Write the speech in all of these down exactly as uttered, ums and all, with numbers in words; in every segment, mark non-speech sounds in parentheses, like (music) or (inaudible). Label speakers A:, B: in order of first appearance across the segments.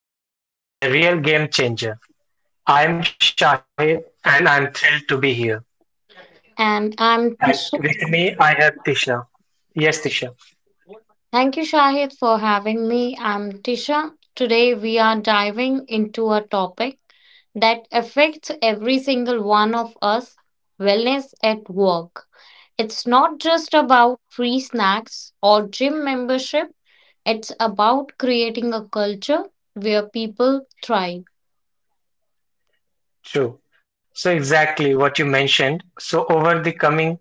A: Wellness, the real game changer. I am Shahid and I'm thrilled to be here.
B: And I'm Tisha.
A: I have Tisha. Yes, Tisha.
B: Thank you, Shahid, for having me. I'm Tisha. Today we are diving into a topic that affects every single one of us, wellness at work. It's not just about free snacks or gym membership, it's about creating a culture where people thrive.
A: True. So exactly what you mentioned. So over the coming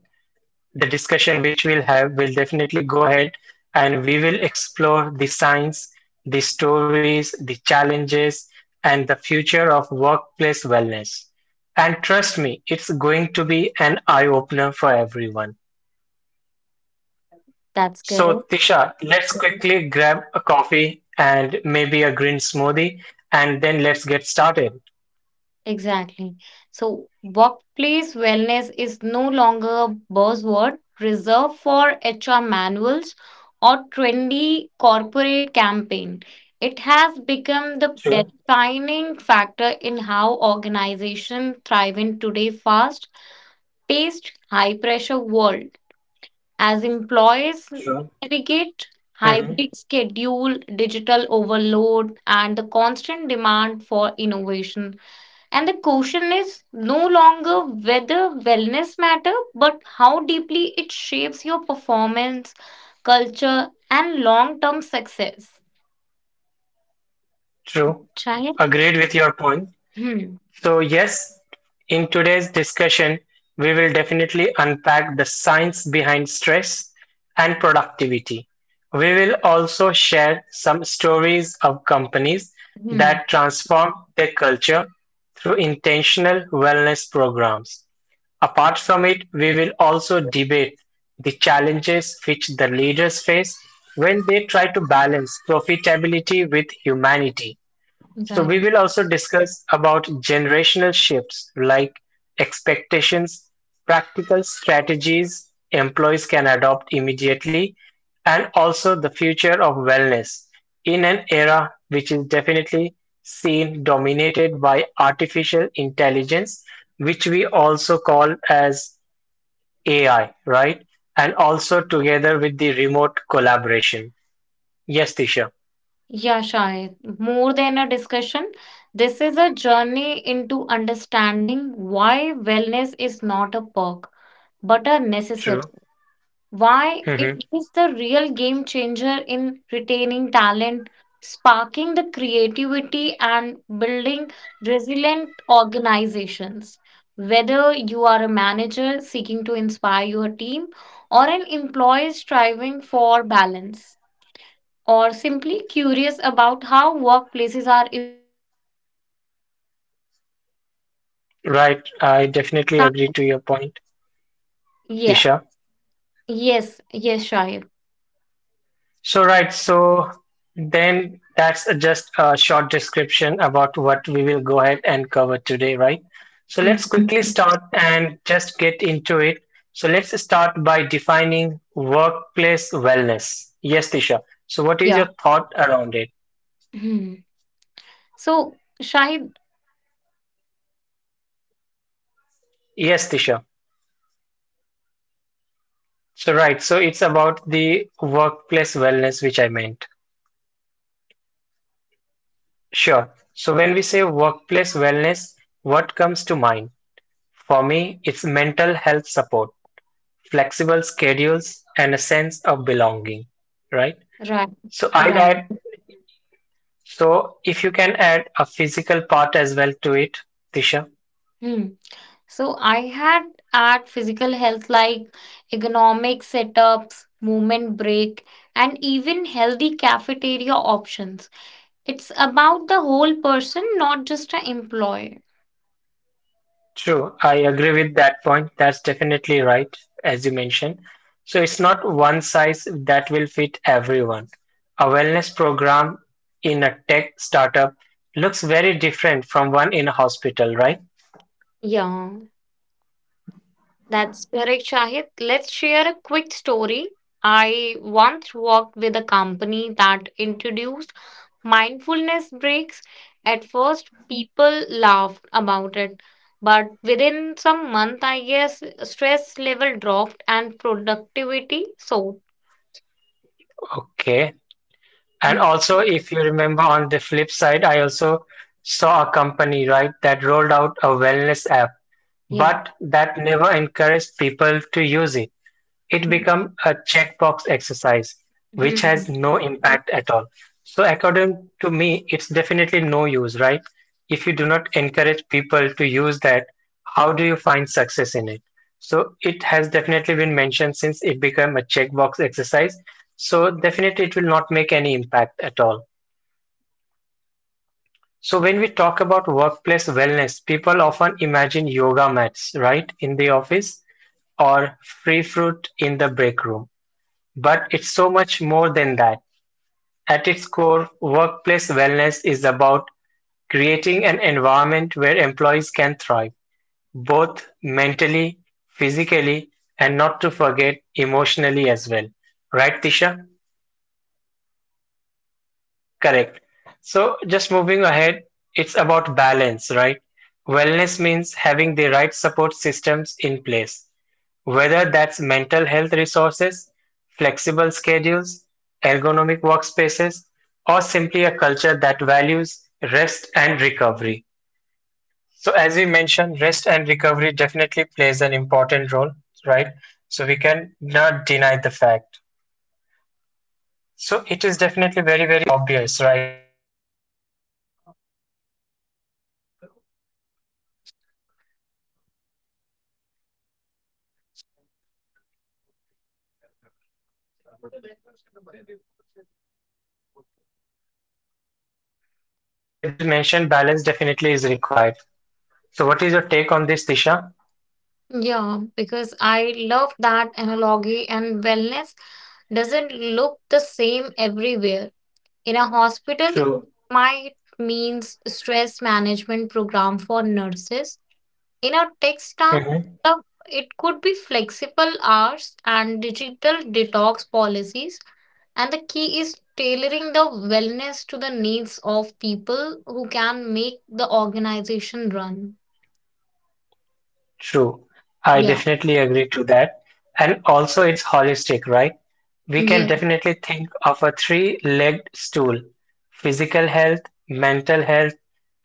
A: the discussion which we'll have, we'll definitely go ahead and we will explore the science, the stories, the challenges, and the future of workplace wellness. And trust me, it's going to be an eye opener for everyone.
B: That's correct.
A: Tisha, let's quickly grab a coffee and maybe a green smoothie, and then let's get started.
B: Exactly. So, workplace wellness is no longer a buzzword reserved for H R manuals or trendy corporate campaign. It has become the
A: True,
B: defining factor in how organizations thrive in today's fast-paced, high-pressure world. As employees
A: true.
B: navigate
A: hmm
B: hybrid schedule, digital overload, and the constant demand for innovation, and the question is no longer whether wellness matter, but how deeply it shapes your performance, culture, and long-term success.
A: True.
B: Shahid?
A: Agreed with your point.
B: Hmm.
A: So, yes, in today's discussion, we will definitely unpack the science behind stress and productivity. We will also share some stories of companies
B: Hmm.
A: that transform their culture through intentional wellness programs. Apart from it, we will also debate the challenges which the leaders face when they try to balance profitability with humanity. So we
B: Right.
A: will also discuss about generational shifts like expectations, practical strategies employees can adopt immediately, and also the future of wellness in an era which is definitely seen dominated by artificial intelligence, which we also call as A I, right? And also together with the remote collaboration. Yes, Tisha.
B: Yeah, Shahid, more than a discussion, this is a journey into understanding why wellness is not a perk, but a necessity.
A: True.
B: Why it
A: Mm-hmm.
B: is the real game changer in retaining talent, sparking the creativity, and building resilient organizations. Whether you are a manager seeking to inspire your team, or an employee striving for balance, or simply curious about how workplaces are
A: Right, I definitely agree to your point, Tisha.
C: Yeah. Yes. Yes, Shahid.
A: So, right, so then that's just a short description about what we will go ahead and cover today, right? So, let's quickly
C: Hmm.
A: start and just get into it. So, let's start by defining workplace wellness. Yes, Tisha. So, what
C: Yeah.
A: is your thought around it?
C: Hmm. So, Shahid, when we say workplace wellness, what comes to the
A: Yes,
C: mind?
A: Tisha.
C: For me, it's a
A: So,
C: mental
A: right,
C: health
A: so it's
C: support,
A: about the
C: flexible
A: workplace
C: schedule,
A: wellness, which I
C: and a
A: meant.
C: sense of belonging.
A: Sure. So, when we say workplace wellness, what comes to mind? For me, it's mental health support, flexible schedules, and a sense of belonging, right?
C: Right.
A: So I'd
C: Right.
A: add, so if you can add a physical part as well to it, Tisha.
C: Hmm. So, I had at physical health like economic setups, movement break, and even healthy cafeteria options. It's about the whole person, not just an employer.
A: True, I agree with that point. That's definitely right, as you mentioned. So it's not one size that will fit everyone. A wellness program in a tech startup looks very different from one in a hospital, right?
C: Yeah, that's correct, Shahid. Let's share a quick story. I once worked with a company that introduced mindfulness breaks. At first, people laughed about it, but within some month, I guess stress level dropped and productivity soared.
A: Okay, and
C: Mm.
A: also, if you remember on the flip side, I also saw a company, right, that rolled out a wellness app,
C: Yeah.
A: but that never encouraged people to use it. It becomes a checkbox exercise, which has
C: Mhm.
A: no impact at all. So according to me, it's definitely no use, right? If you do not encourage people to use that, how do you find success in it? So it has definitely been mentioned since it became a checkbox exercise. So definitely it will not make any impact at all. So when we talk about workplace wellness, people often imagine yoga mats, right, in the office or free fruit in the break room. But it's so much more than that. At its core, workplace wellness is about creating an environment where employees can thrive, both mentally, physically, and not to forget emotionally as well. Right, Tisha? Correct. So, just moving ahead, it's about balance, right? Wellness means having the right support systems in place, whether that's mental health resources, flexible schedules, ergonomic workspaces, or simply a culture that values rest and recovery. So as we mentioned, rest and recovery definitely plays an important role, right? So we cannot deny the fact. So it is definitely very, very obvious, right? So we definitely need to be have a balance because if there is no balance, then definitely it will not take us to any place. So balance in each and every field is definitely required. What do you say, Tisha? Right. So as you mentioned balance definitely is required. So what is your take on this, Tisha?
D: Yeah, because I love that analogy, and wellness doesn't look the same everywhere. In a hospital, it
A: True.
D: might means stress management program for nurses. In a tech
A: Mm-hmm.
D: startup, it could be flexible hours and digital detox policies. And the key is tailoring the wellness to the needs of people who can make the organization run.
A: True. I
D: Yeah.
A: definitely agree to that. And also, it's holistic, right? We can
D: Yes.
A: definitely think of a three-legged stool: physical health, mental health,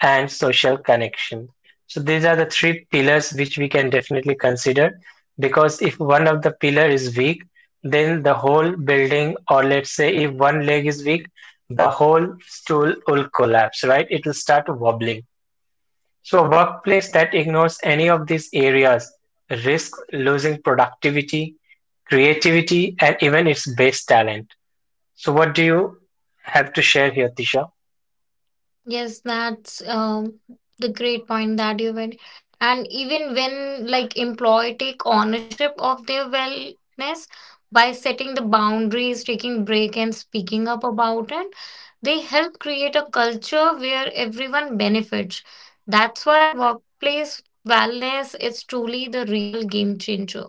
A: and social connection. So these are the three pillars which we can definitely consider because if one of the pillar is weak, then the whole building, or let's say if one leg is weak, the whole stool will collapse, right? It will start wobbling. So a workplace that ignores any of these areas risks losing productivity, creativity, and even its base talent. So what do you have to share here, Tisha?
D: Yes, that's um, the great point that you made. And even when like employee take ownership of their wellness by setting the boundaries, taking break and speaking up about it, they help create a culture where everyone benefits. That's why workplace wellness is truly the real game changer.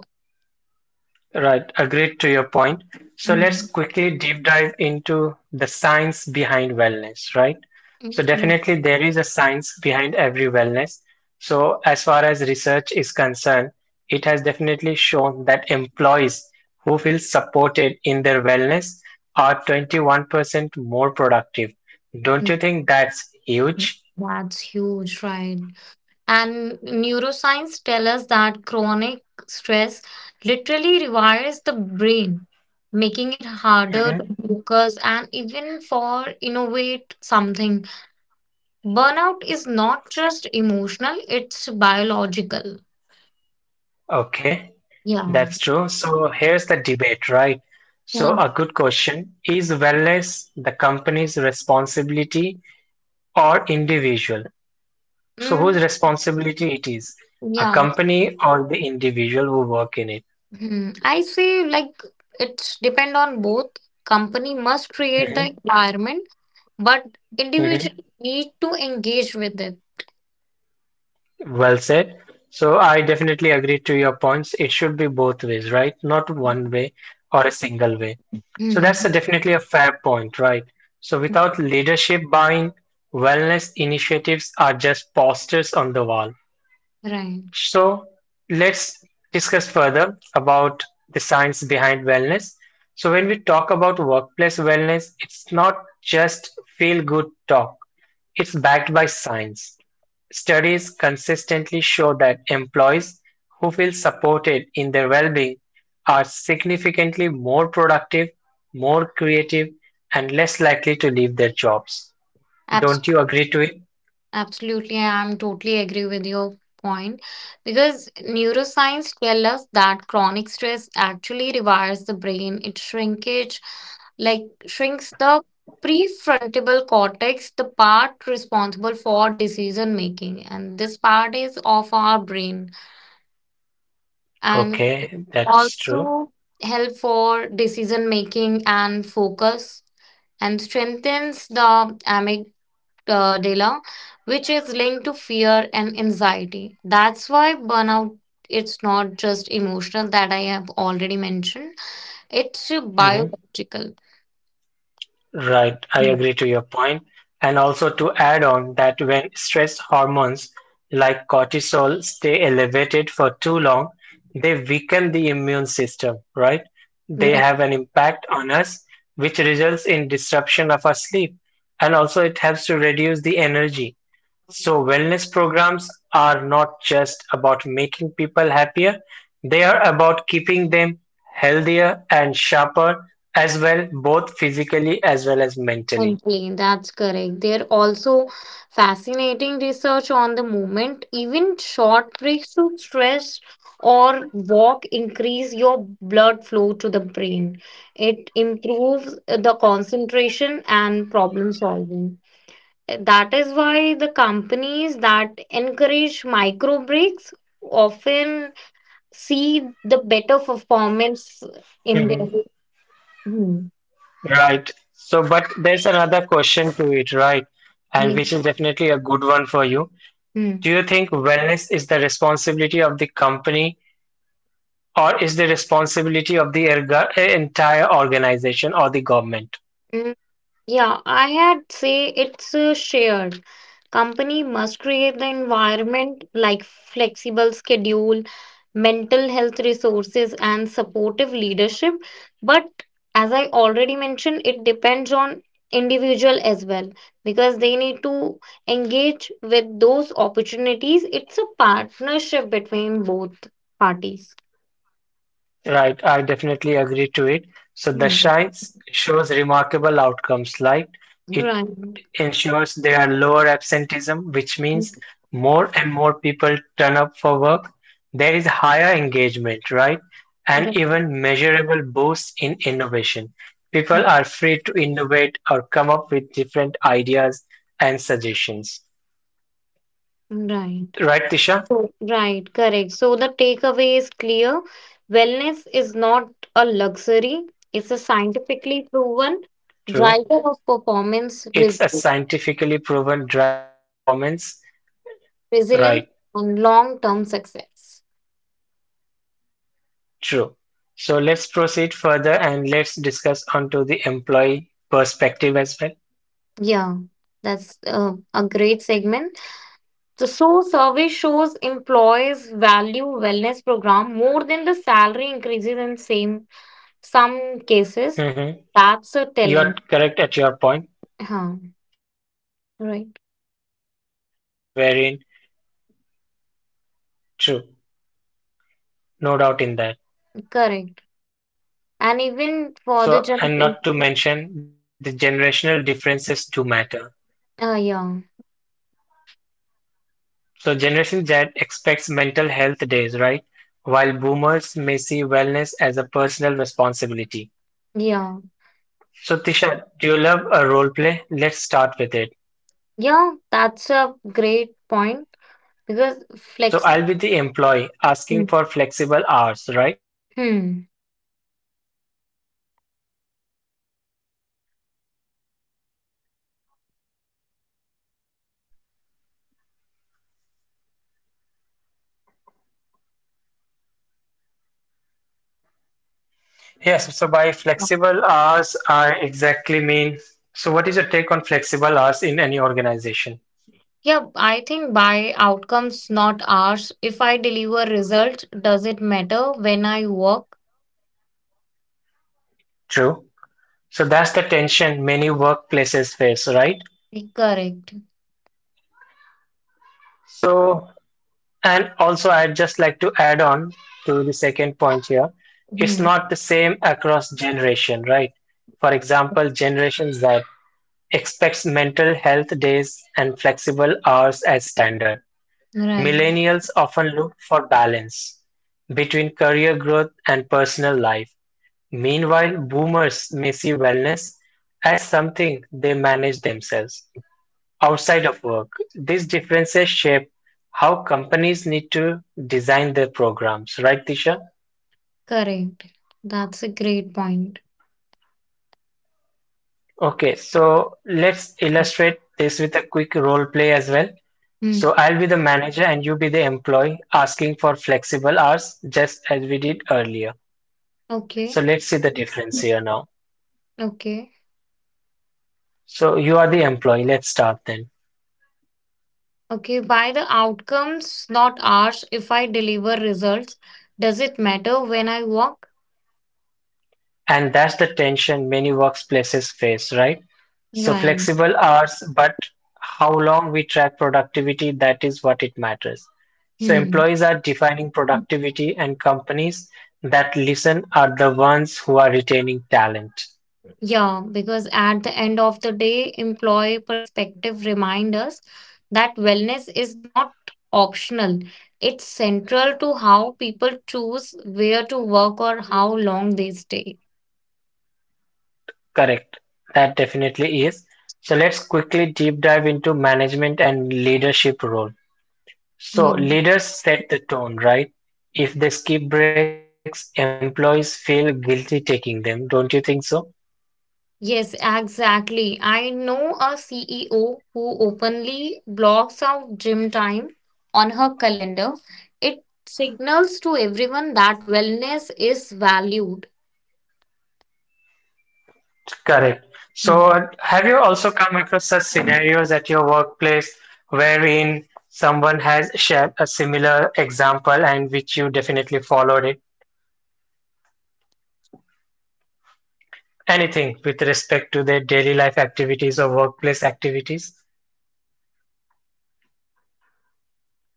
A: Right, agreed to your point. So let's
D: Mm,
A: quickly deep dive into the science behind wellness, right?
D: mm,
A: So
D: mm,
A: definitely there is a science behind every wellness. So as far as research is concerned, it has definitely shown that employees who feel supported in their wellness are twenty-one percent more productive. Don't you think that's
D: mm.
A: huge?
D: That's huge, right? And neuroscience tell us that chronic stress literally rewires the brain, making it harder to
A: Mhm.
D: focus and even for innovate something. Burnout is not just emotional, it's biological.
A: Okay.
D: Yeah.
A: That's true. So here's the debate, right? So,
D: Yeah.
A: a good question is wellness the company's responsibility or individual? So,
D: Mm,
A: whose responsibility it is? A
D: yeah.
A: company or the individual who work in it?
D: Mhm. I say like it's depend on both. Company must create
A: hmm
D: the environment, but
A: hmm
D: individual need to engage with it.
A: Well said. So I definitely agree to your points. It should be both ways, right? Not one way or a single way. So that's
D: Hmm.
A: a definitely a fair point, right? So without leadership buying, wellness initiatives are just posters on the wall.
D: Right.
A: So let's discuss further about the science behind wellness. So when we talk about workplace wellness, it's not just feel good talk. It's backed by science. Studies consistently show that employees who feel supported in their well-being are significantly more productive, more creative, and less likely to leave their jobs.
D: Abs-
A: Don't you agree to it?
D: Absolutely, I'm totally agree with your point because neuroscience tell us that chronic stress actually rewires the brain. It shrinkage, like shrinks the prefrontal cortex, the part responsible for decision making, and this part is of our brain and
A: Okay, that's true.
D: also help for decision making and focus and strengthens the uh, Dela, which is linked to fear and anxiety. That's why burnout it's not just emotional that I have already mentioned. It's uh,
A: Mhm.
D: biological.
A: Right, I agree to your point. And also to add on that when stress hormones like cortisol stay elevated for too long, they weaken the immune system, right? They
D: Right,
A: have an impact on us, which results in disruption of our sleep. And also it helps to reduce the energy. So wellness programs are not just about making people happier, they are about keeping them healthier and sharper as well, both physically as well as mentally.
D: Complain, that's correct. There are also fascinating research on the movement. Even short breaks to stress or walk increase your blood flow to the brain. It improves uh, the concentration and problem solving. That is why the companies that encourage micro breaks often see the better performance in
A: hmm
D: their. Hmm.
A: Right. So, but there's another question to it, right? And
D: Yeah.
A: which is definitely a good one for you.
D: Hmm.
A: Do you think wellness is the responsibility of the company or is the responsibility of the erga- entire organization or the government?
D: Mm. Yeah, I had say it's uh, shared. Company must create the environment like flexible schedule, mental health resources, and supportive leadership. But as I already mentioned, it depends on individual as well because they need to engage with those opportunities. It's a partnership between both parties.
A: Right, I definitely agree to it. So the
D: Mhm.
A: Darshan shows remarkable outcomes like it
D: Right.
A: ensures there are lower absenteeism, which means more and more people turn up for work. There is higher engagement, right? And
D: Right.
A: even measurable boosts in innovation. People
D: Mhm.
A: are free to innovate or come up with different ideas and suggestions.
D: Right.
A: Right, Tisha?
D: So, right, correct. So the takeaway is clear. Wellness is not a luxury, it's a scientifically proven
A: True.
D: driver of performance, res-
A: It's a scientifically proven driver of performance.
D: resilience,
A: Right.
D: and long term success.
A: True. So let's proceed further and let's discuss onto the employee perspective as well.
D: Yeah, that's uh, a great segment. So, so survey shows employers value wellness program more than the salary increases in same some cases.
A: hmm
D: That's a
A: You're
D: telling.
A: correct at your point.
D: Huh.
A: So definitely, I have
D: Right,
A: also seen such surveys, right? Wherein, true, no doubt in that.
D: correct. And even
A: So,
D: for
A: and
D: the
A: not to
D: generation,
A: mention the generational differences do matter.
D: uh, yeah,
A: So Generation Z expects mental health days, right? While boomers may see wellness as a personal responsibility.
D: yeah,
A: So Tisha, do you love a role play? Let's start with it.
D: yeah, that's a great point because
A: So
D: flex.
A: I'll be the employee asking
D: Hmm.
A: for flexible hours, right?
D: Hmm.
A: And then flexible hours? Yes, so by flexible hours, I exactly mean. So, what is your take on flexible hours in any organization?
D: Yeah, I think by outcomes, not hours. If I deliver results, does it matter when I work?
A: True. So, that's the tension many workplaces face, right?
D: Correct.
A: So, and also, I'd just like to add on to the second point here. It's
D: Hmm.
A: not the same across generation, right? For example, Generation Z expects mental health days and flexible hours as standard.
D: Right.
A: Millennials often look for balance between career growth and personal life. Meanwhile, boomers may see wellness as something they manage themselves outside of work. These differences shape how companies need to design their programs, right, Tisha?
D: Correct. That's a great point.
A: Okay, so let's illustrate this with a quick role play as well. So
D: Hmm.
A: I'll be the manager and you be the employee asking for flexible hours just as we did earlier. So
D: Okay.
A: let's see the difference here now.
D: Okay.
A: So you are the employee. Let's start then.
D: Okay. By the outcomes, not hours. If I deliver results, does it matter when I work?
A: And that's the tension many workplaces face, right? So
D: Right.
A: flexible hours, but how long we track productivity, that is what it matters. So
D: Hmm.
A: employees are defining productivity and companies that listen are the ones who are retaining talent.
D: Yeah, because at the end of the day, employee perspective remind us that wellness is not optional. It's central to how people choose where to work or how long they stay.
A: Correct. That definitely is. So let's quickly deep dive into management and leadership role. So
D: Yeah.
A: leaders set the tone, right? If they skip breaks, employees feel guilty taking them. Don't you think so?
D: Yes, exactly. I know a C E O who openly blocks out gym time on her calendar. It signals to everyone that wellness is valued.
A: Correct.
D: Hmm.
A: So, have you also come across such scenarios at your workplace wherein someone has shared a similar example and which you definitely followed it? Anything with respect to their daily life activities or workplace activities?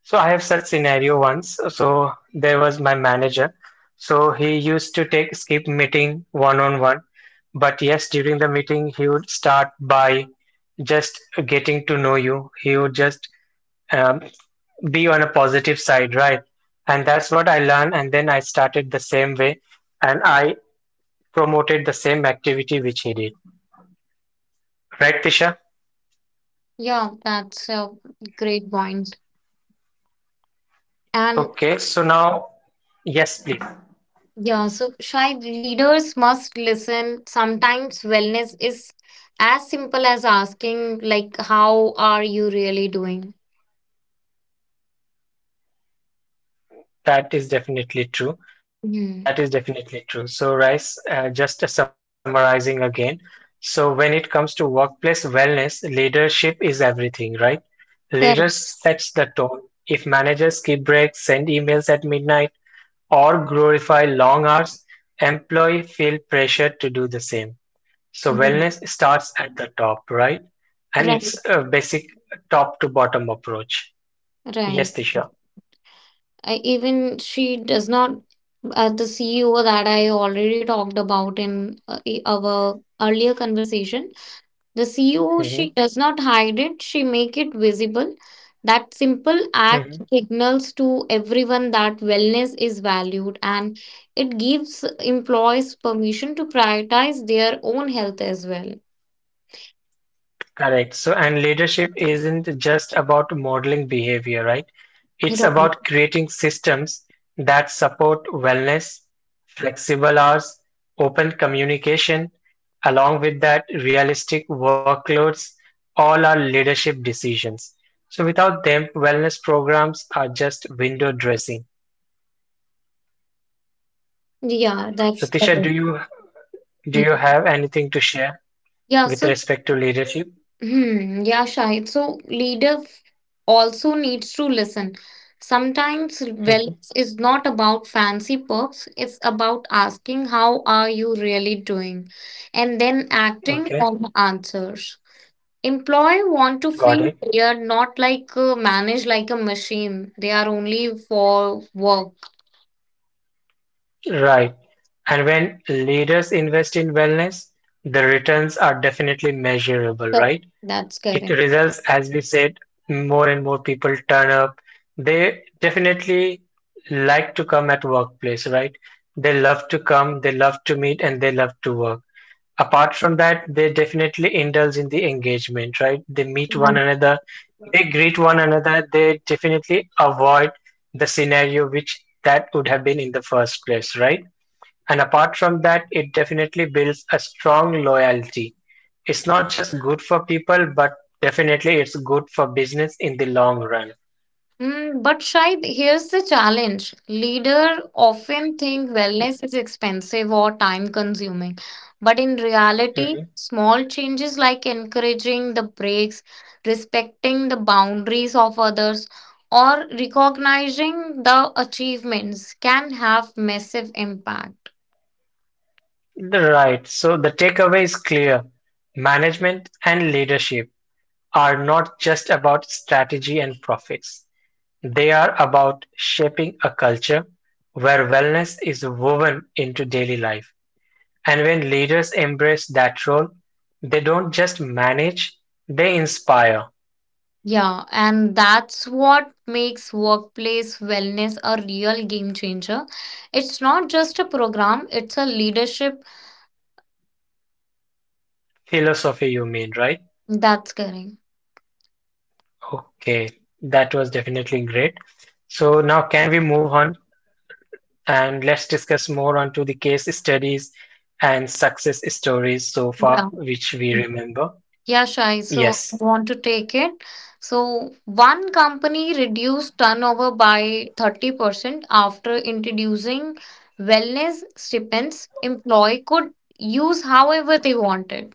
A: So, I have such scenario once. So, there was my manager. So, he used to take skip meeting one on one. But yes, during the meeting, he would start by just getting to know you. He would just um, be on a positive side, right? And that's what I learned. And then I started the same way and I promoted the same activity which he did. Right, Tisha?
D: Yeah, that's a great point. And
A: Okay, so now, yes, please.
D: yeah, so Shai, leaders must listen. Sometimes wellness is as simple as asking, like, how are you really doing?
A: That is definitely true.
D: Hmm.
A: That is definitely true. So, Rice, uh, just summarizing again. So, when it comes to workplace wellness, leadership is everything, right? Leaders
D: Correct.
A: sets the tone. If managers keep breaks, send emails at midnight, or glorify long hours, employees feel pressure to do the same. So
D: Mhm.
A: wellness starts at the top, right? And it's
D: Right.
A: a basic top to bottom approach.
D: Right.
A: Yes, Tisha.
D: I, even she does not, uh, the C E O that I already talked about in uh, i- our earlier conversation. The C E O,
A: Hmm.
D: she does not hide it, she make it visible. That simple act signals to everyone that wellness is valued and it gives employees permission to prioritize their own health as well.
A: Correct. So, and leadership isn't just about modeling behavior, right? It's
D: Right.
A: about creating systems that support wellness, flexible hours, open communication, along with that, realistic workloads, all are leadership decisions. So, without them, wellness programs are just window dressing.
D: Yeah,
A: So,
D: that's (laughs)
A: Tisha, do
D: correct.
A: you do you have
D: Mhm.
A: anything to share
D: Yeah,
A: with
D: so
A: respect to leadership?
D: hmm, yeah, Shahid. So leader f- also needs to listen. Sometimes
A: Mhm.
D: wellness is not about fancy perks, it's about asking how are you really doing and then acting
A: Okay,
D: on the answers. Employee want to
A: got
D: feel
A: it.
D: they are not like uh, managed like a machine. They are only for work.
A: Right. And when leaders invest in wellness, the returns are definitely measurable,
D: So
A: right?
D: that's
A: It
D: correct.
A: results, as we said, more and more people turn up. They definitely like to come at workplace, right? They love to come, they love to meet, and they love to work. Apart from that, they definitely indulge in the engagement, right? They meet one another, they greet one another, they definitely avoid the scenario which that would have been in the first place, right? And apart from that, it definitely builds a strong loyalty. It's not just good for people, but definitely it's good for business in the long run.
D: Mm, but Shahid, here's the challenge. Leader often think wellness is expensive or time consuming. But in reality,
A: Mhm.
D: small changes like encouraging the breaks, respecting the boundaries of others, or recognizing the achievements can have massive impact.
A: Right. So the takeaway is clear. Management and leadership are not just about strategy and profits. They are about shaping a culture where wellness is woven into daily life. And when leaders embrace that role, they don't just manage, they inspire.
D: Yeah, and that's what makes workplace wellness a real game changer. It's not just a program, it's a leadership.
A: Philosophy, you mean, right?
D: That's correct.
A: Okay, that was definitely great. So now can we move on and let's discuss more on to the case studies and success stories so far
D: Yeah.
A: which we remember?
D: Yeah, Shai. So
A: Yes.
D: I want to take it. So one company reduced turnover by thirty percent after introducing wellness stipends employee could use however they wanted.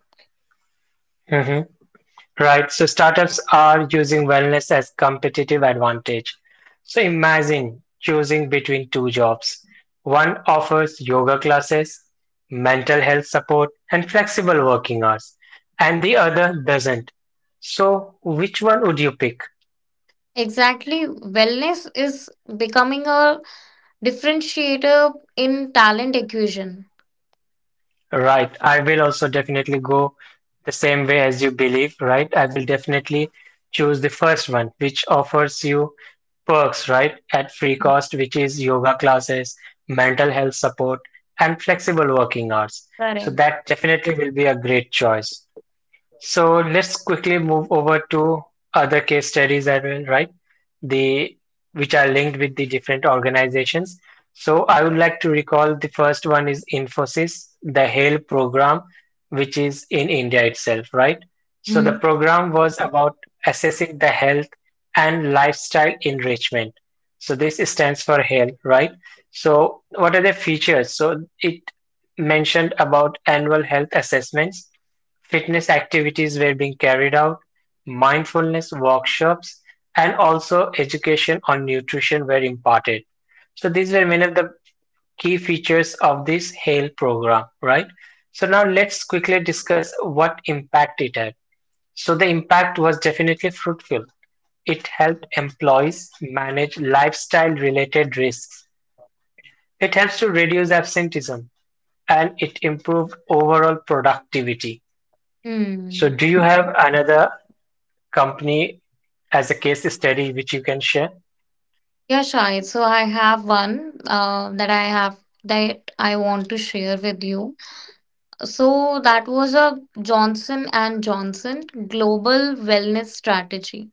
A: Mm-hmm. Right. So startups are using wellness as competitive advantage. So imagine choosing between two jobs. One offers yoga classes, mental health support, and flexible working hours, and the other doesn't. So which one would you pick?
D: Exactly. Wellness is becoming a differentiator in talent acquisition.
A: Right. I will also definitely go the same way as you believe, right? I will definitely choose the first one, which offers you perks, right, at free cost, which is yoga classes, mental health support, and flexible working hours. So
D: Correct.
A: that definitely will be a great choice. So let's quickly move over to other case studies as well, right? The which are linked with the different organizations. So I would like to recall the first one is Infosys, the HAIL program, which is in India itself, right? So the
D: Hmm.
A: program was about assessing the health and lifestyle enrichment. So this stands for HAIL, right? So what are the features? So it mentioned about annual health assessments. Fitness activities were being carried out, mindfulness workshops, and also education on nutrition were imparted. So these were many of the key features of this HAIL program, right? So now let's quickly discuss what impact it had. So the impact was definitely fruitful. It helped employees manage lifestyle related risks. It helps to reduce absenteeism and it improved overall productivity. So,
D: Hmm.
A: do you have another company as a case study which you can share?
D: Yeah, Shai. So I have one uh, that I have that I want to share with you. So that was a Johnson and Johnson global wellness strategy.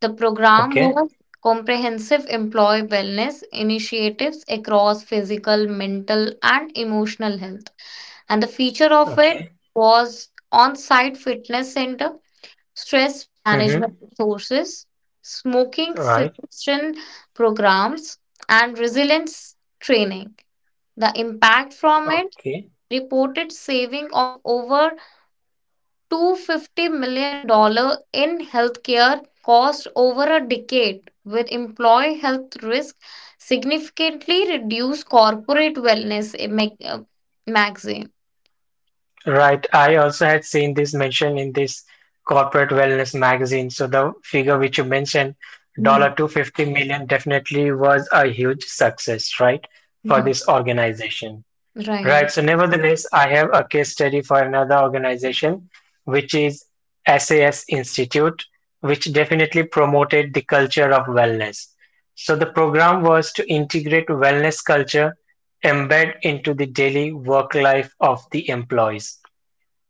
D: The program
A: Okay,
D: was comprehensive employee wellness initiatives across physical, mental and emotional health. And the feature of it
A: okay,
D: was on-site fitness center, stress management
A: mm-hmm.
D: resources, smoking
A: Right,
D: cessation programs and resilience training. The impact from it
A: okay,
D: reported saving of over $250 million dollars in healthcare costs over a decade, with employee health risk significantly reduced corporate wellness eh, mag- uh, magazine.
A: right. I also had seen this mentioned in this corporate wellness magazine. So, the figure which you mentioned,
D: Mhm.
A: dollar 250 million, definitely was a huge success, right, for
D: Mhm.
A: this organization.
D: Right.
A: Right. So, nevertheless, I have a case study for another organization, which is SAS Institute, which definitely promoted the culture of wellness. So, the program was to integrate wellness culture embed into the daily work life of the employees.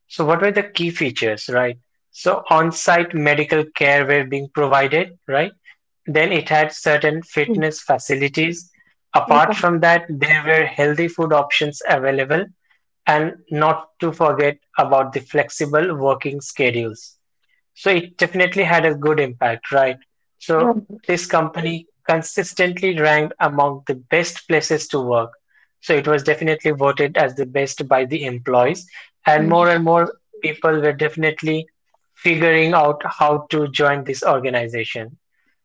A: So, what were the key features, right? So, on site medical care were being provided, right? Then it had certain
D: Mhm.
A: fitness facilities. Apart from that, there were healthy food options available, and not to forget about the flexible working schedules. So it definitely had a good impact, right? So
D: Right.
A: this company consistently ranked among the best places to work. So it was definitely voted as the best by the employees, and more
D: Mhm.
A: and more people were definitely figuring out how to join this organization.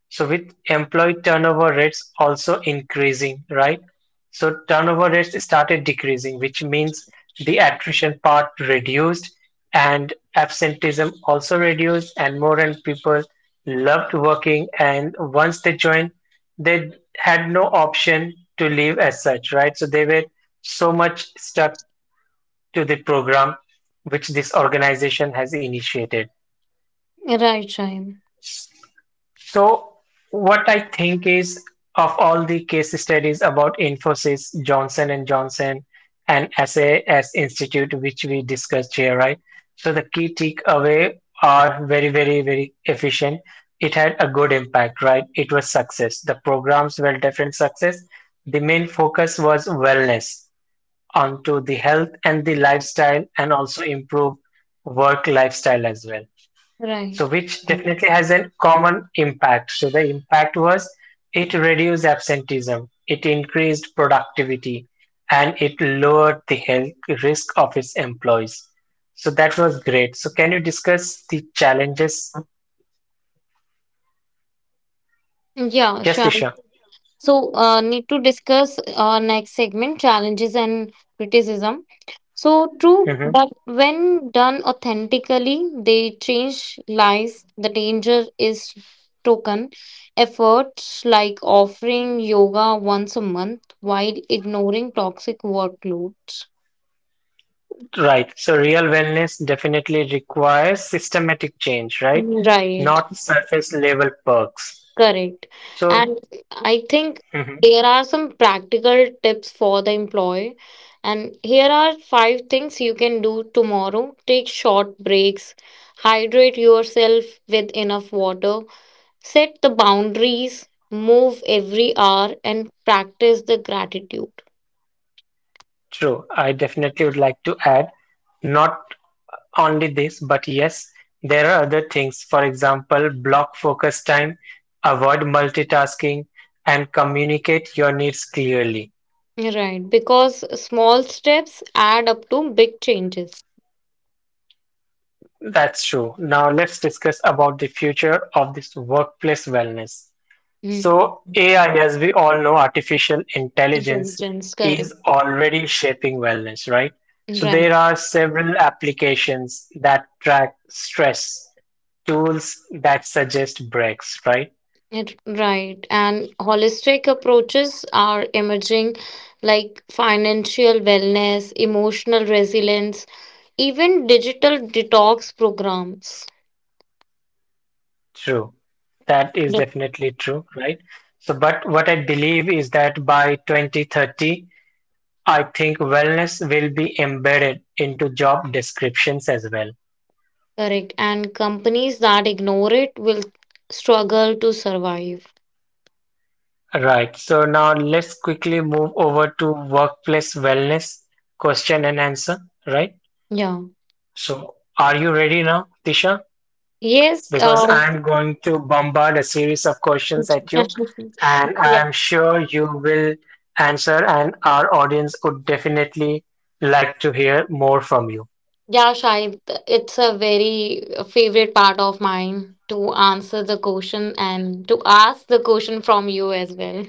A: So with employee turnover rates also increasing, right? So turnover rates started decreasing, which means the attrition part reduced and absenteeism also reduced and more and people loved working and once they joined they had no option to leave as such, right? So they were so much stuck to the program which this organization has initiated.
D: Right, Shine.
A: So, what I think is of all the case studies about Infosys, Johnson and Johnson, and SAS Institute, which we discussed here, right? So the key takeaway are very, very, very efficient. It had a good impact, right? It was success. The programs were different success. The main focus was wellness onto the health and the lifestyle and also improve work lifestyle as well. So
D: Right.
A: which definitely has a common impact. So the impact was it reduced absenteeism, it increased productivity, and it lowered the health risk of its employees. So that was great. So can you discuss the challenges?
D: Yeah,
A: Yes,
D: sure.
A: Disha.
D: So, uh, need to discuss our next segment challenges and criticism. So true,
A: Hmm.
D: but when done authentically, they change lives. The danger is token efforts like offering yoga once a month while ignoring toxic workloads.
A: Right. So real wellness definitely requires systematic change, right?
D: Mm. Right.
A: Not surface level perks.
D: Correct.
A: So,
D: And I think
A: mhm.
D: there are some practical tips for the employee. And here are five things you can do tomorrow. Take short breaks, hydrate yourself with enough water, set the boundaries, move every hour, and practice the gratitude.
A: True. I definitely would like to add not only this, but yes, there are other things. For example, block focus time, avoid multitasking, and communicate your needs clearly.
D: Right, because small steps add up to big changes.
A: That's true. Now let's discuss about the future of this workplace wellness.
D: Mm.
A: So, A I, as we all know, artificial intelligence
D: Intelligence, correct.
A: is already shaping wellness, right? So, there
D: Right.
A: are several applications that track stress, tools that suggest breaks, right?
D: It, right. And holistic approaches are emerging like financial wellness, emotional resilience, even digital detox programs.
A: True. That is
D: The-
A: definitely true, right? So, but what I believe is that by twenty thirty, I think wellness will be embedded into job descriptions as well.
D: Correct. And companies that ignore it will struggle to survive.
A: Right. So now let's quickly move over to workplace wellness question and answer, right?
D: Yeah.
A: So are you ready now, Tisha?
D: Yes.
A: Because
D: Uh,
A: I'm going to bombard a series of questions at you,
D: (laughs)
A: and
D: yeah.
A: I'm sure you will answer, and our audience would definitely like to hear more from you.
D: Yeah, Shahid, it's a very favorite part of mine to answer the question and to ask the question from you as well.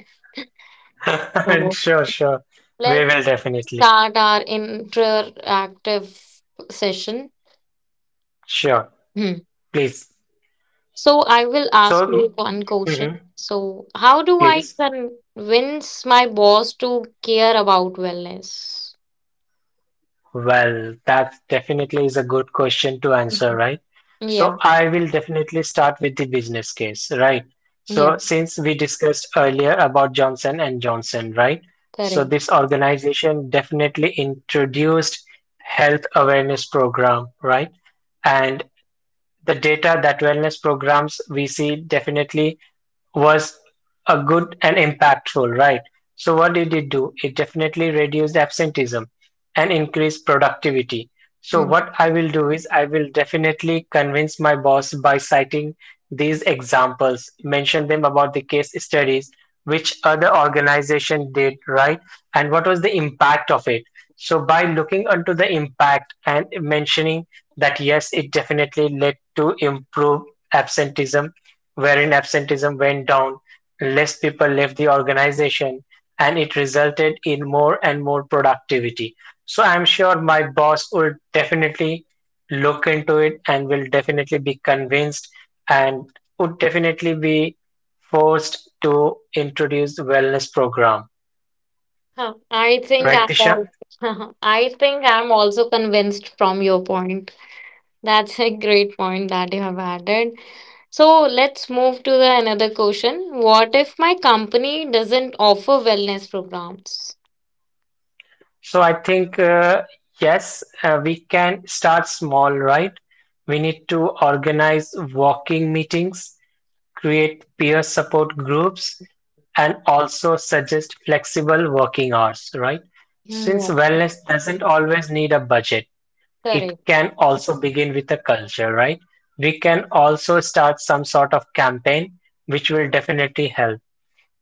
A: (laughs) Sure, sure. We
D: Let's
A: will definitely.
D: start our interactive session.
A: Sure.
D: Hmm.
A: Please.
D: So, I will ask
A: So,
D: you one question.
A: mhm,
D: So, how do I
A: please.
D: convince my boss to care about wellness?
A: Well, that definitely is a good question to answer,
D: Mhm.
A: right? So
D: Yeah,
A: I will definitely start with the business case, right?
D: yeah,
A: So since we discussed earlier about Johnson and Johnson, right? So
D: correct.
A: this organization definitely introduced health awareness program, right? And the data that wellness programs we see definitely was a good and impactful, right? So what did it do? It definitely reduced absenteeism and increased productivity. So
D: Hmm.
A: what I will do is I will definitely convince my boss by citing these examples, mention them about the case studies, which other organization did, right? And what was the impact of it? So by looking onto the impact and mentioning that yes, it definitely led to improve absenteeism, wherein absenteeism went down. Less people left the organization and it resulted in more and more productivity. So I'm sure my boss will definitely look into it and will definitely be convinced and would definitely be forced to introduce wellness program.
D: Huh, I think
A: Right,
D: I'm
A: Disha?
D: also, (laughs) I think I'm also convinced from your point. That's a great point that you have added. So let's move to the another question. What if my company doesn't offer wellness programs?
A: So I think uh, yes, uh, we can start small, right? We need to organize walking meetings, create peer support groups, and also suggest flexible working hours, right? Since
D: Yeah.
A: wellness doesn't always need a budget, it
D: Correct.
A: can also begin with a culture, right? We can also start some sort of campaign, which will definitely help.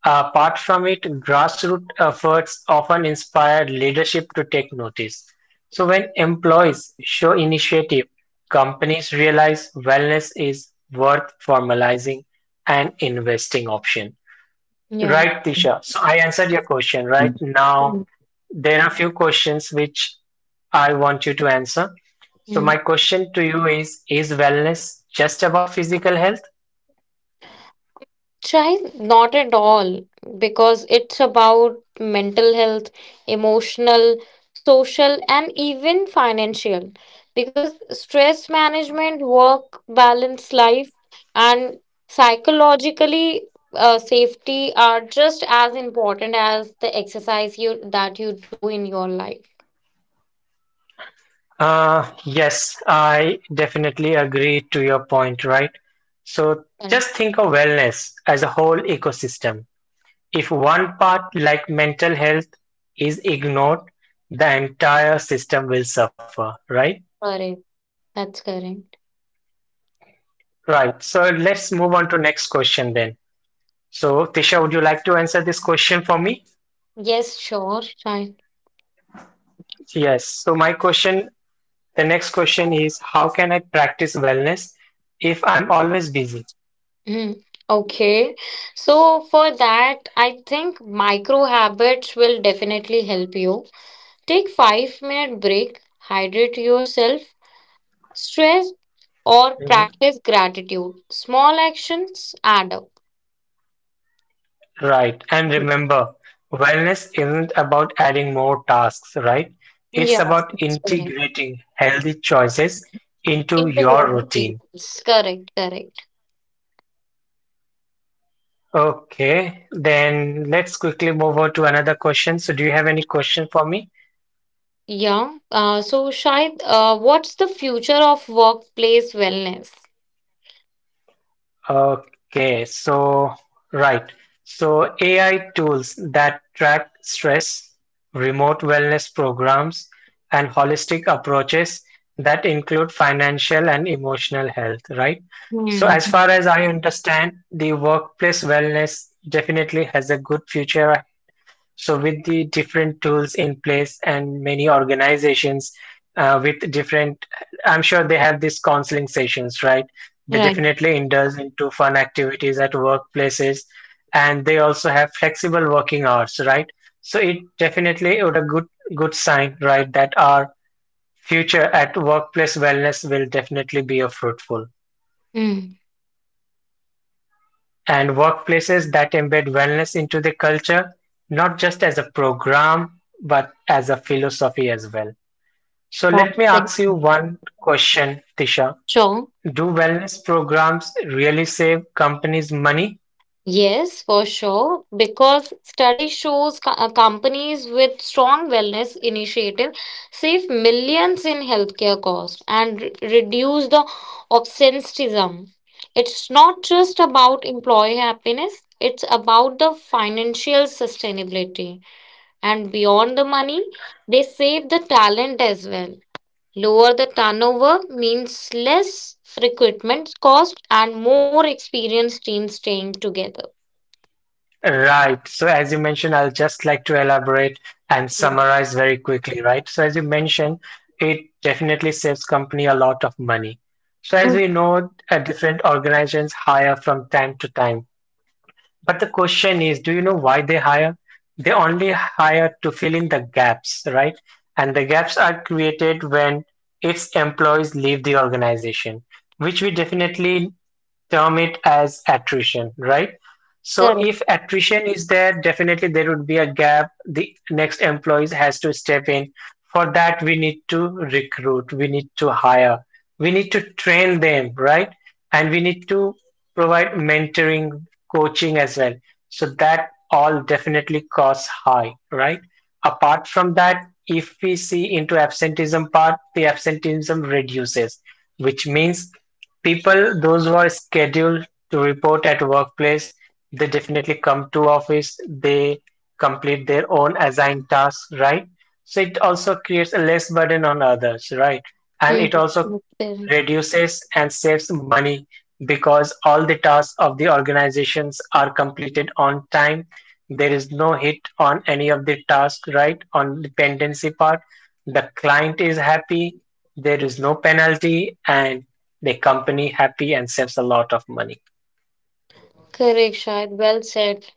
A: Uh, Apart from it, grassroots efforts often inspire leadership to take notice. So, when employees show initiative, companies realize wellness is worth formalizing and investing option.
D: Yeah.
A: Right, Tisha. So, I answered your question. Right now, there are few questions which I want you to answer. So, my
D: Mm.
A: question to you is Is wellness just about physical health?
D: Child, not at all, because it's about mental health, emotional, social, and even financial. Because stress management, work, balance, life, and psychologically uh, safety are just as important as the exercise you that you do in your life.
A: Uh, yes, I definitely agree to your point, right? So
D: Correct.
A: just think of wellness as a whole ecosystem. If one part, like mental health, is ignored, the entire system will suffer, right?
D: Correct. That's correct.
A: Right. So let's move on to next question then. So Tisha, would you like to answer this question for me?
D: Yes, sure, child.
A: Yes. So my question, the next question is, how can I practice wellness if I'm always busy?
D: Mhm. Okay. So for that, I think micro habits will definitely help you. Take five minute break, hydrate yourself, stress, or practice gratitude. Small actions add up.
A: Right. And remember, wellness isn't about adding more tasks, right? It's
D: Yeah,
A: about
D: that's correct.
A: integrating healthy choices into your
D: Simple
A: routine.
D: routines. Correct, correct.
A: Okay, then let's quickly move on to another question. So, do you have any question for me?
D: Yeah. Uh, so Shahid, uh, what's the future of workplace wellness?
A: Okay, so right. So A I tools that track stress, remote wellness programs, and holistic approaches that include financial and emotional health, right? So
D: Hmm.
A: as far as I understand, the workplace wellness definitely has a good future so with the different tools in place and many organizations uh, with different, I'm sure they have these counseling sessions, right? They
D: Right.
A: definitely indulge into fun activities at workplaces, and they also have flexible working hours, right? So it definitely would a good good sign, right, that our future at workplace wellness will definitely be a fruitful.
D: Hmm.
A: And workplaces that embed wellness into the culture, not just as a program, but as a philosophy as well. So
D: That's
A: let me
D: it.
A: ask you one question, Tisha.
D: Sure.
A: Do wellness programs really save companies money?
D: Yes, for sure, because study shows co- uh, companies with strong wellness initiative save millions in healthcare costs and re- reduce the absenteeism. It's not just about employee happiness, it's about the financial sustainability. And beyond the money, they save the talent as well. Lower the turnover means less recruitment cost and more experienced teams staying together.
A: Right. So as you mentioned, I'll just like to elaborate and summarize very quickly, right? So as you mentioned, it definitely saves company a lot of money. So as we
D: Mm.
A: know, uh, different organizations hire from time to time. But the question is, do you know why they hire? They only hire to fill in the gaps, right? And the gaps are created when its employees leave the organization, which we definitely term it as attrition, right? So
D: Correct.
A: if attrition is there, definitely there would be a gap. The next employees has to step in. For that, we need to recruit, we need to hire, we need to train them, right? And we need to provide mentoring, coaching as well. So that all definitely costs high, right? Apart from that, if we see into absenteeism part, the absenteeism reduces, which means people those who are scheduled to report at workplace, they definitely come to office, they complete their own assigned tasks, right? So it also creates a less burden on others, right? And it
D: Mm,
A: also
D: mm, correct.
A: reduces and saves money, because all the tasks of the organizations are completed on time. There is no hit on any of the tasks, right, on the dependency part. The client is happy, there is no penalty, and the company happy and saves a lot of money.
D: Correct, Shahid. Well said.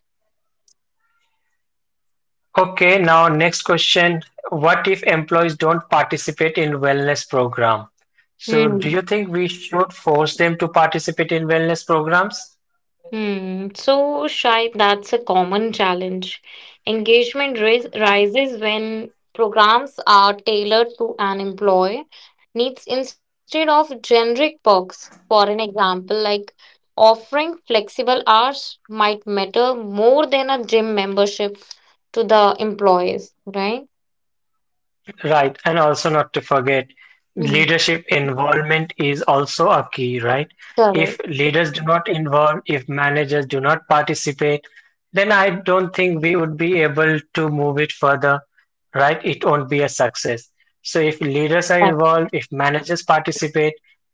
A: Okay, now next question. What if employees don't participate in wellness program? So do
D: Hmm.
A: you think we should force them to participate in wellness programs?
D: Hmm. So, Shahid, that's a common challenge. Engagement ris rises when programs are tailored to an employee needs instead of generic perks. For an example, like offering flexible hours might matter more than a gym membership to the employees, right?
A: Right. And also not to forget,
D: Hmm.
A: leadership involvement is also a key, right? If
D: Correct.
A: leaders do not involve, if managers do not participate, then I don't think we would be able to move it further, right? It won't be a success. So if leaders are
D: Right,
A: involved, if managers participate,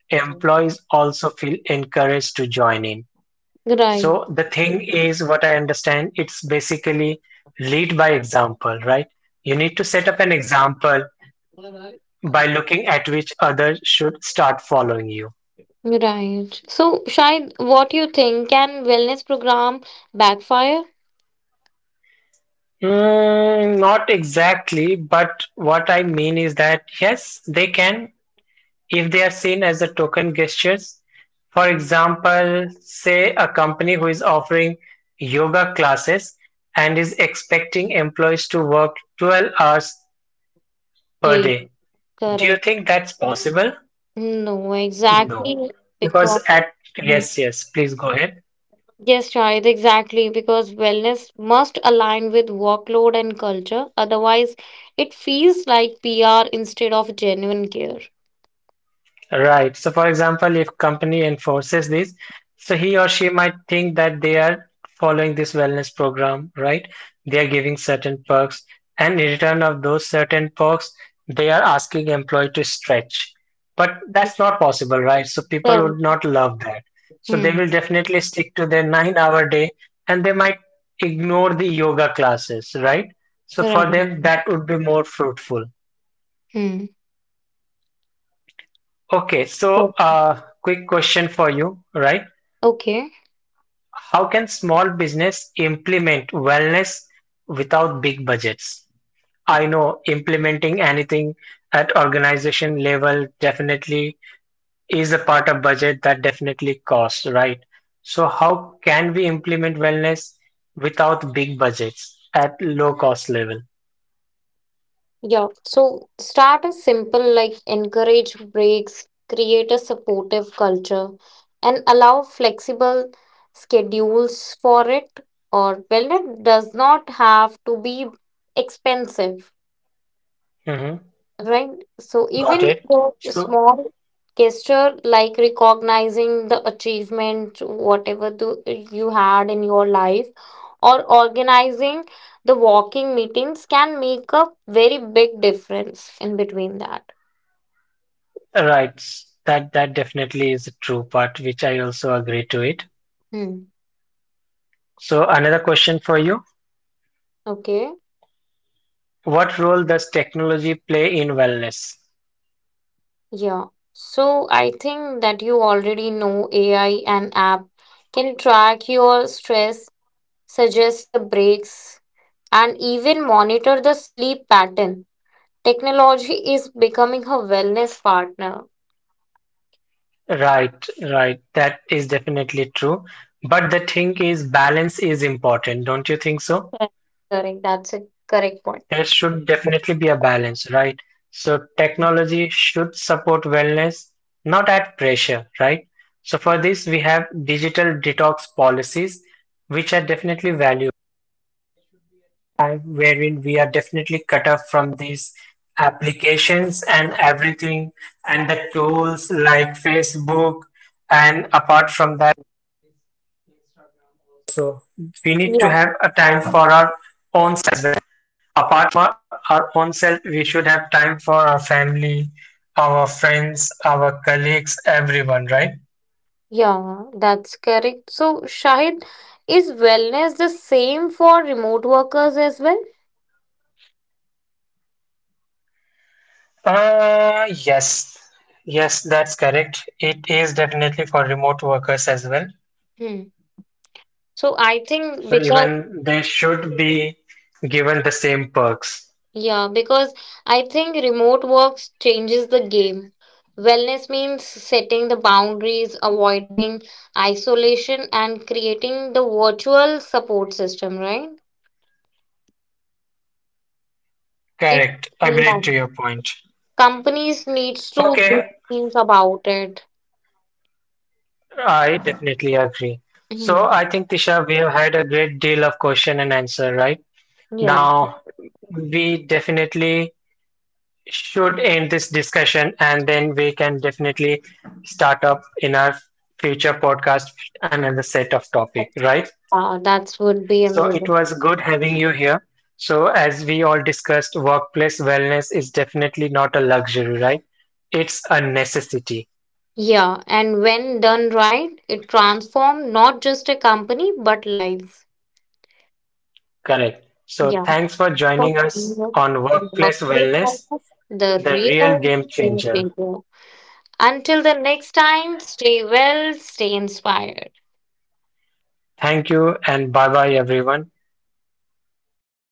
A: employees also feel encouraged to join in. So the thing is, what I understand, it's basically lead by example, right? You need to set up an example by looking at which others should start following you.
D: right. So, Shahid, what you think? Can wellness program backfire?
A: Mm, not exactly, but what I mean is that yes, they can if they are seen as a token gestures. For example, say a company who is offering yoga classes and is expecting employees to work 12 hours
D: Ji,
A: per day. Do you
D: correct.
A: think that's possible?
D: No,
A: No.
D: exactly.
A: Because
D: Because
A: at
D: mm,
A: Yes, yes, please go ahead.
D: yes, Shahid, exactly. Because wellness must align with workload and culture. Otherwise, it feels like P R instead of genuine care.
A: Right. So, for example, if company enforces this, so he or she might think that they are following this wellness program, right? They are giving certain perks, and in return of those certain perks, they are asking employee to stretch. But that's not possible, right? So people would
D: Correct.
A: not love that. So they
D: Hmm.
A: will definitely stick to their nine-hour day, and they might ignore the yoga classes, right? So
D: Right.
A: for them, that would be more fruitful.
D: Hmm.
A: Okay, so
D: So,
A: uh, quick question for you, right?
D: okay.
A: How can small business implement wellness without big budgets? I know implementing anything at organization level definitely is a part of budget that definitely costs, right? So how can we implement wellness without big budgets at low cost level?
D: Yeah, so start is simple like encourage breaks, create a supportive culture, and allow flexible schedules for it. Or wellness does not have to be expensive.
A: Mm-hmm.
D: Right. So
A: Got
D: even
A: it.
D: the
A: So,
D: small gesture like recognizing the achievement, whatever the, you had in your life, or organizing the walking meetings can make a very big difference in between that.
A: right, that that definitely is a true part, which I also agree to it.
D: Hmm.
A: So, another question for you.
D: Okay.
A: What role does technology play in wellness?
D: Yeah. So I think that you already know A I and app can track your stress, suggest the breaks, and even monitor the sleep pattern. Technology is becoming her wellness partner.
A: Right, right. That is definitely true. But the thing is, balance is important, don't you think so?
D: Correct. Correct. That's a correct point.
A: There should definitely be a balance, right? So, technology should support wellness, not at pressure, right? So, for this, we have
D: Yeah.
A: family, our friends, our colleagues, everyone, right?
D: Yeah, that's correct. So, Shahid, is wellness the same for remote workers as well?
A: Uh, yes, yes, that's correct. It is definitely for remote workers as well.
D: Hmm. So, I think
A: So
D: because
A: even they should be given the same perks.
D: Yeah, because I think remote work changes the game. Wellness means setting the boundaries, avoiding isolation, and creating the virtual support system, right? It,
A: Correct. Agreed
D: yeah.
A: to your point.
D: Companies needs to
A: Okay,
D: think about it.
A: I definitely agree. So
D: Mhm.
A: I think Tisha, we have had a great deal of question and answer, right?
D: Yeah,
A: Now, we definitely should end this discussion, and then we can definitely start up in our future podcast another set of topic, right?
D: uh, that would be
A: So it
D: amazing.
A: was good having you here. So as we all discussed, workplace wellness is definitely not a luxury, right? It's a necessity.
D: Yeah, and when done right, it transforms not just a company but lives.
A: Correct. So
D: Yeah.
A: thanks for joining us
D: The
A: on workplace wellness, the real
D: real
A: game changer.
D: India. Until the next time, stay well, stay inspired.
A: Thank you and bye bye everyone.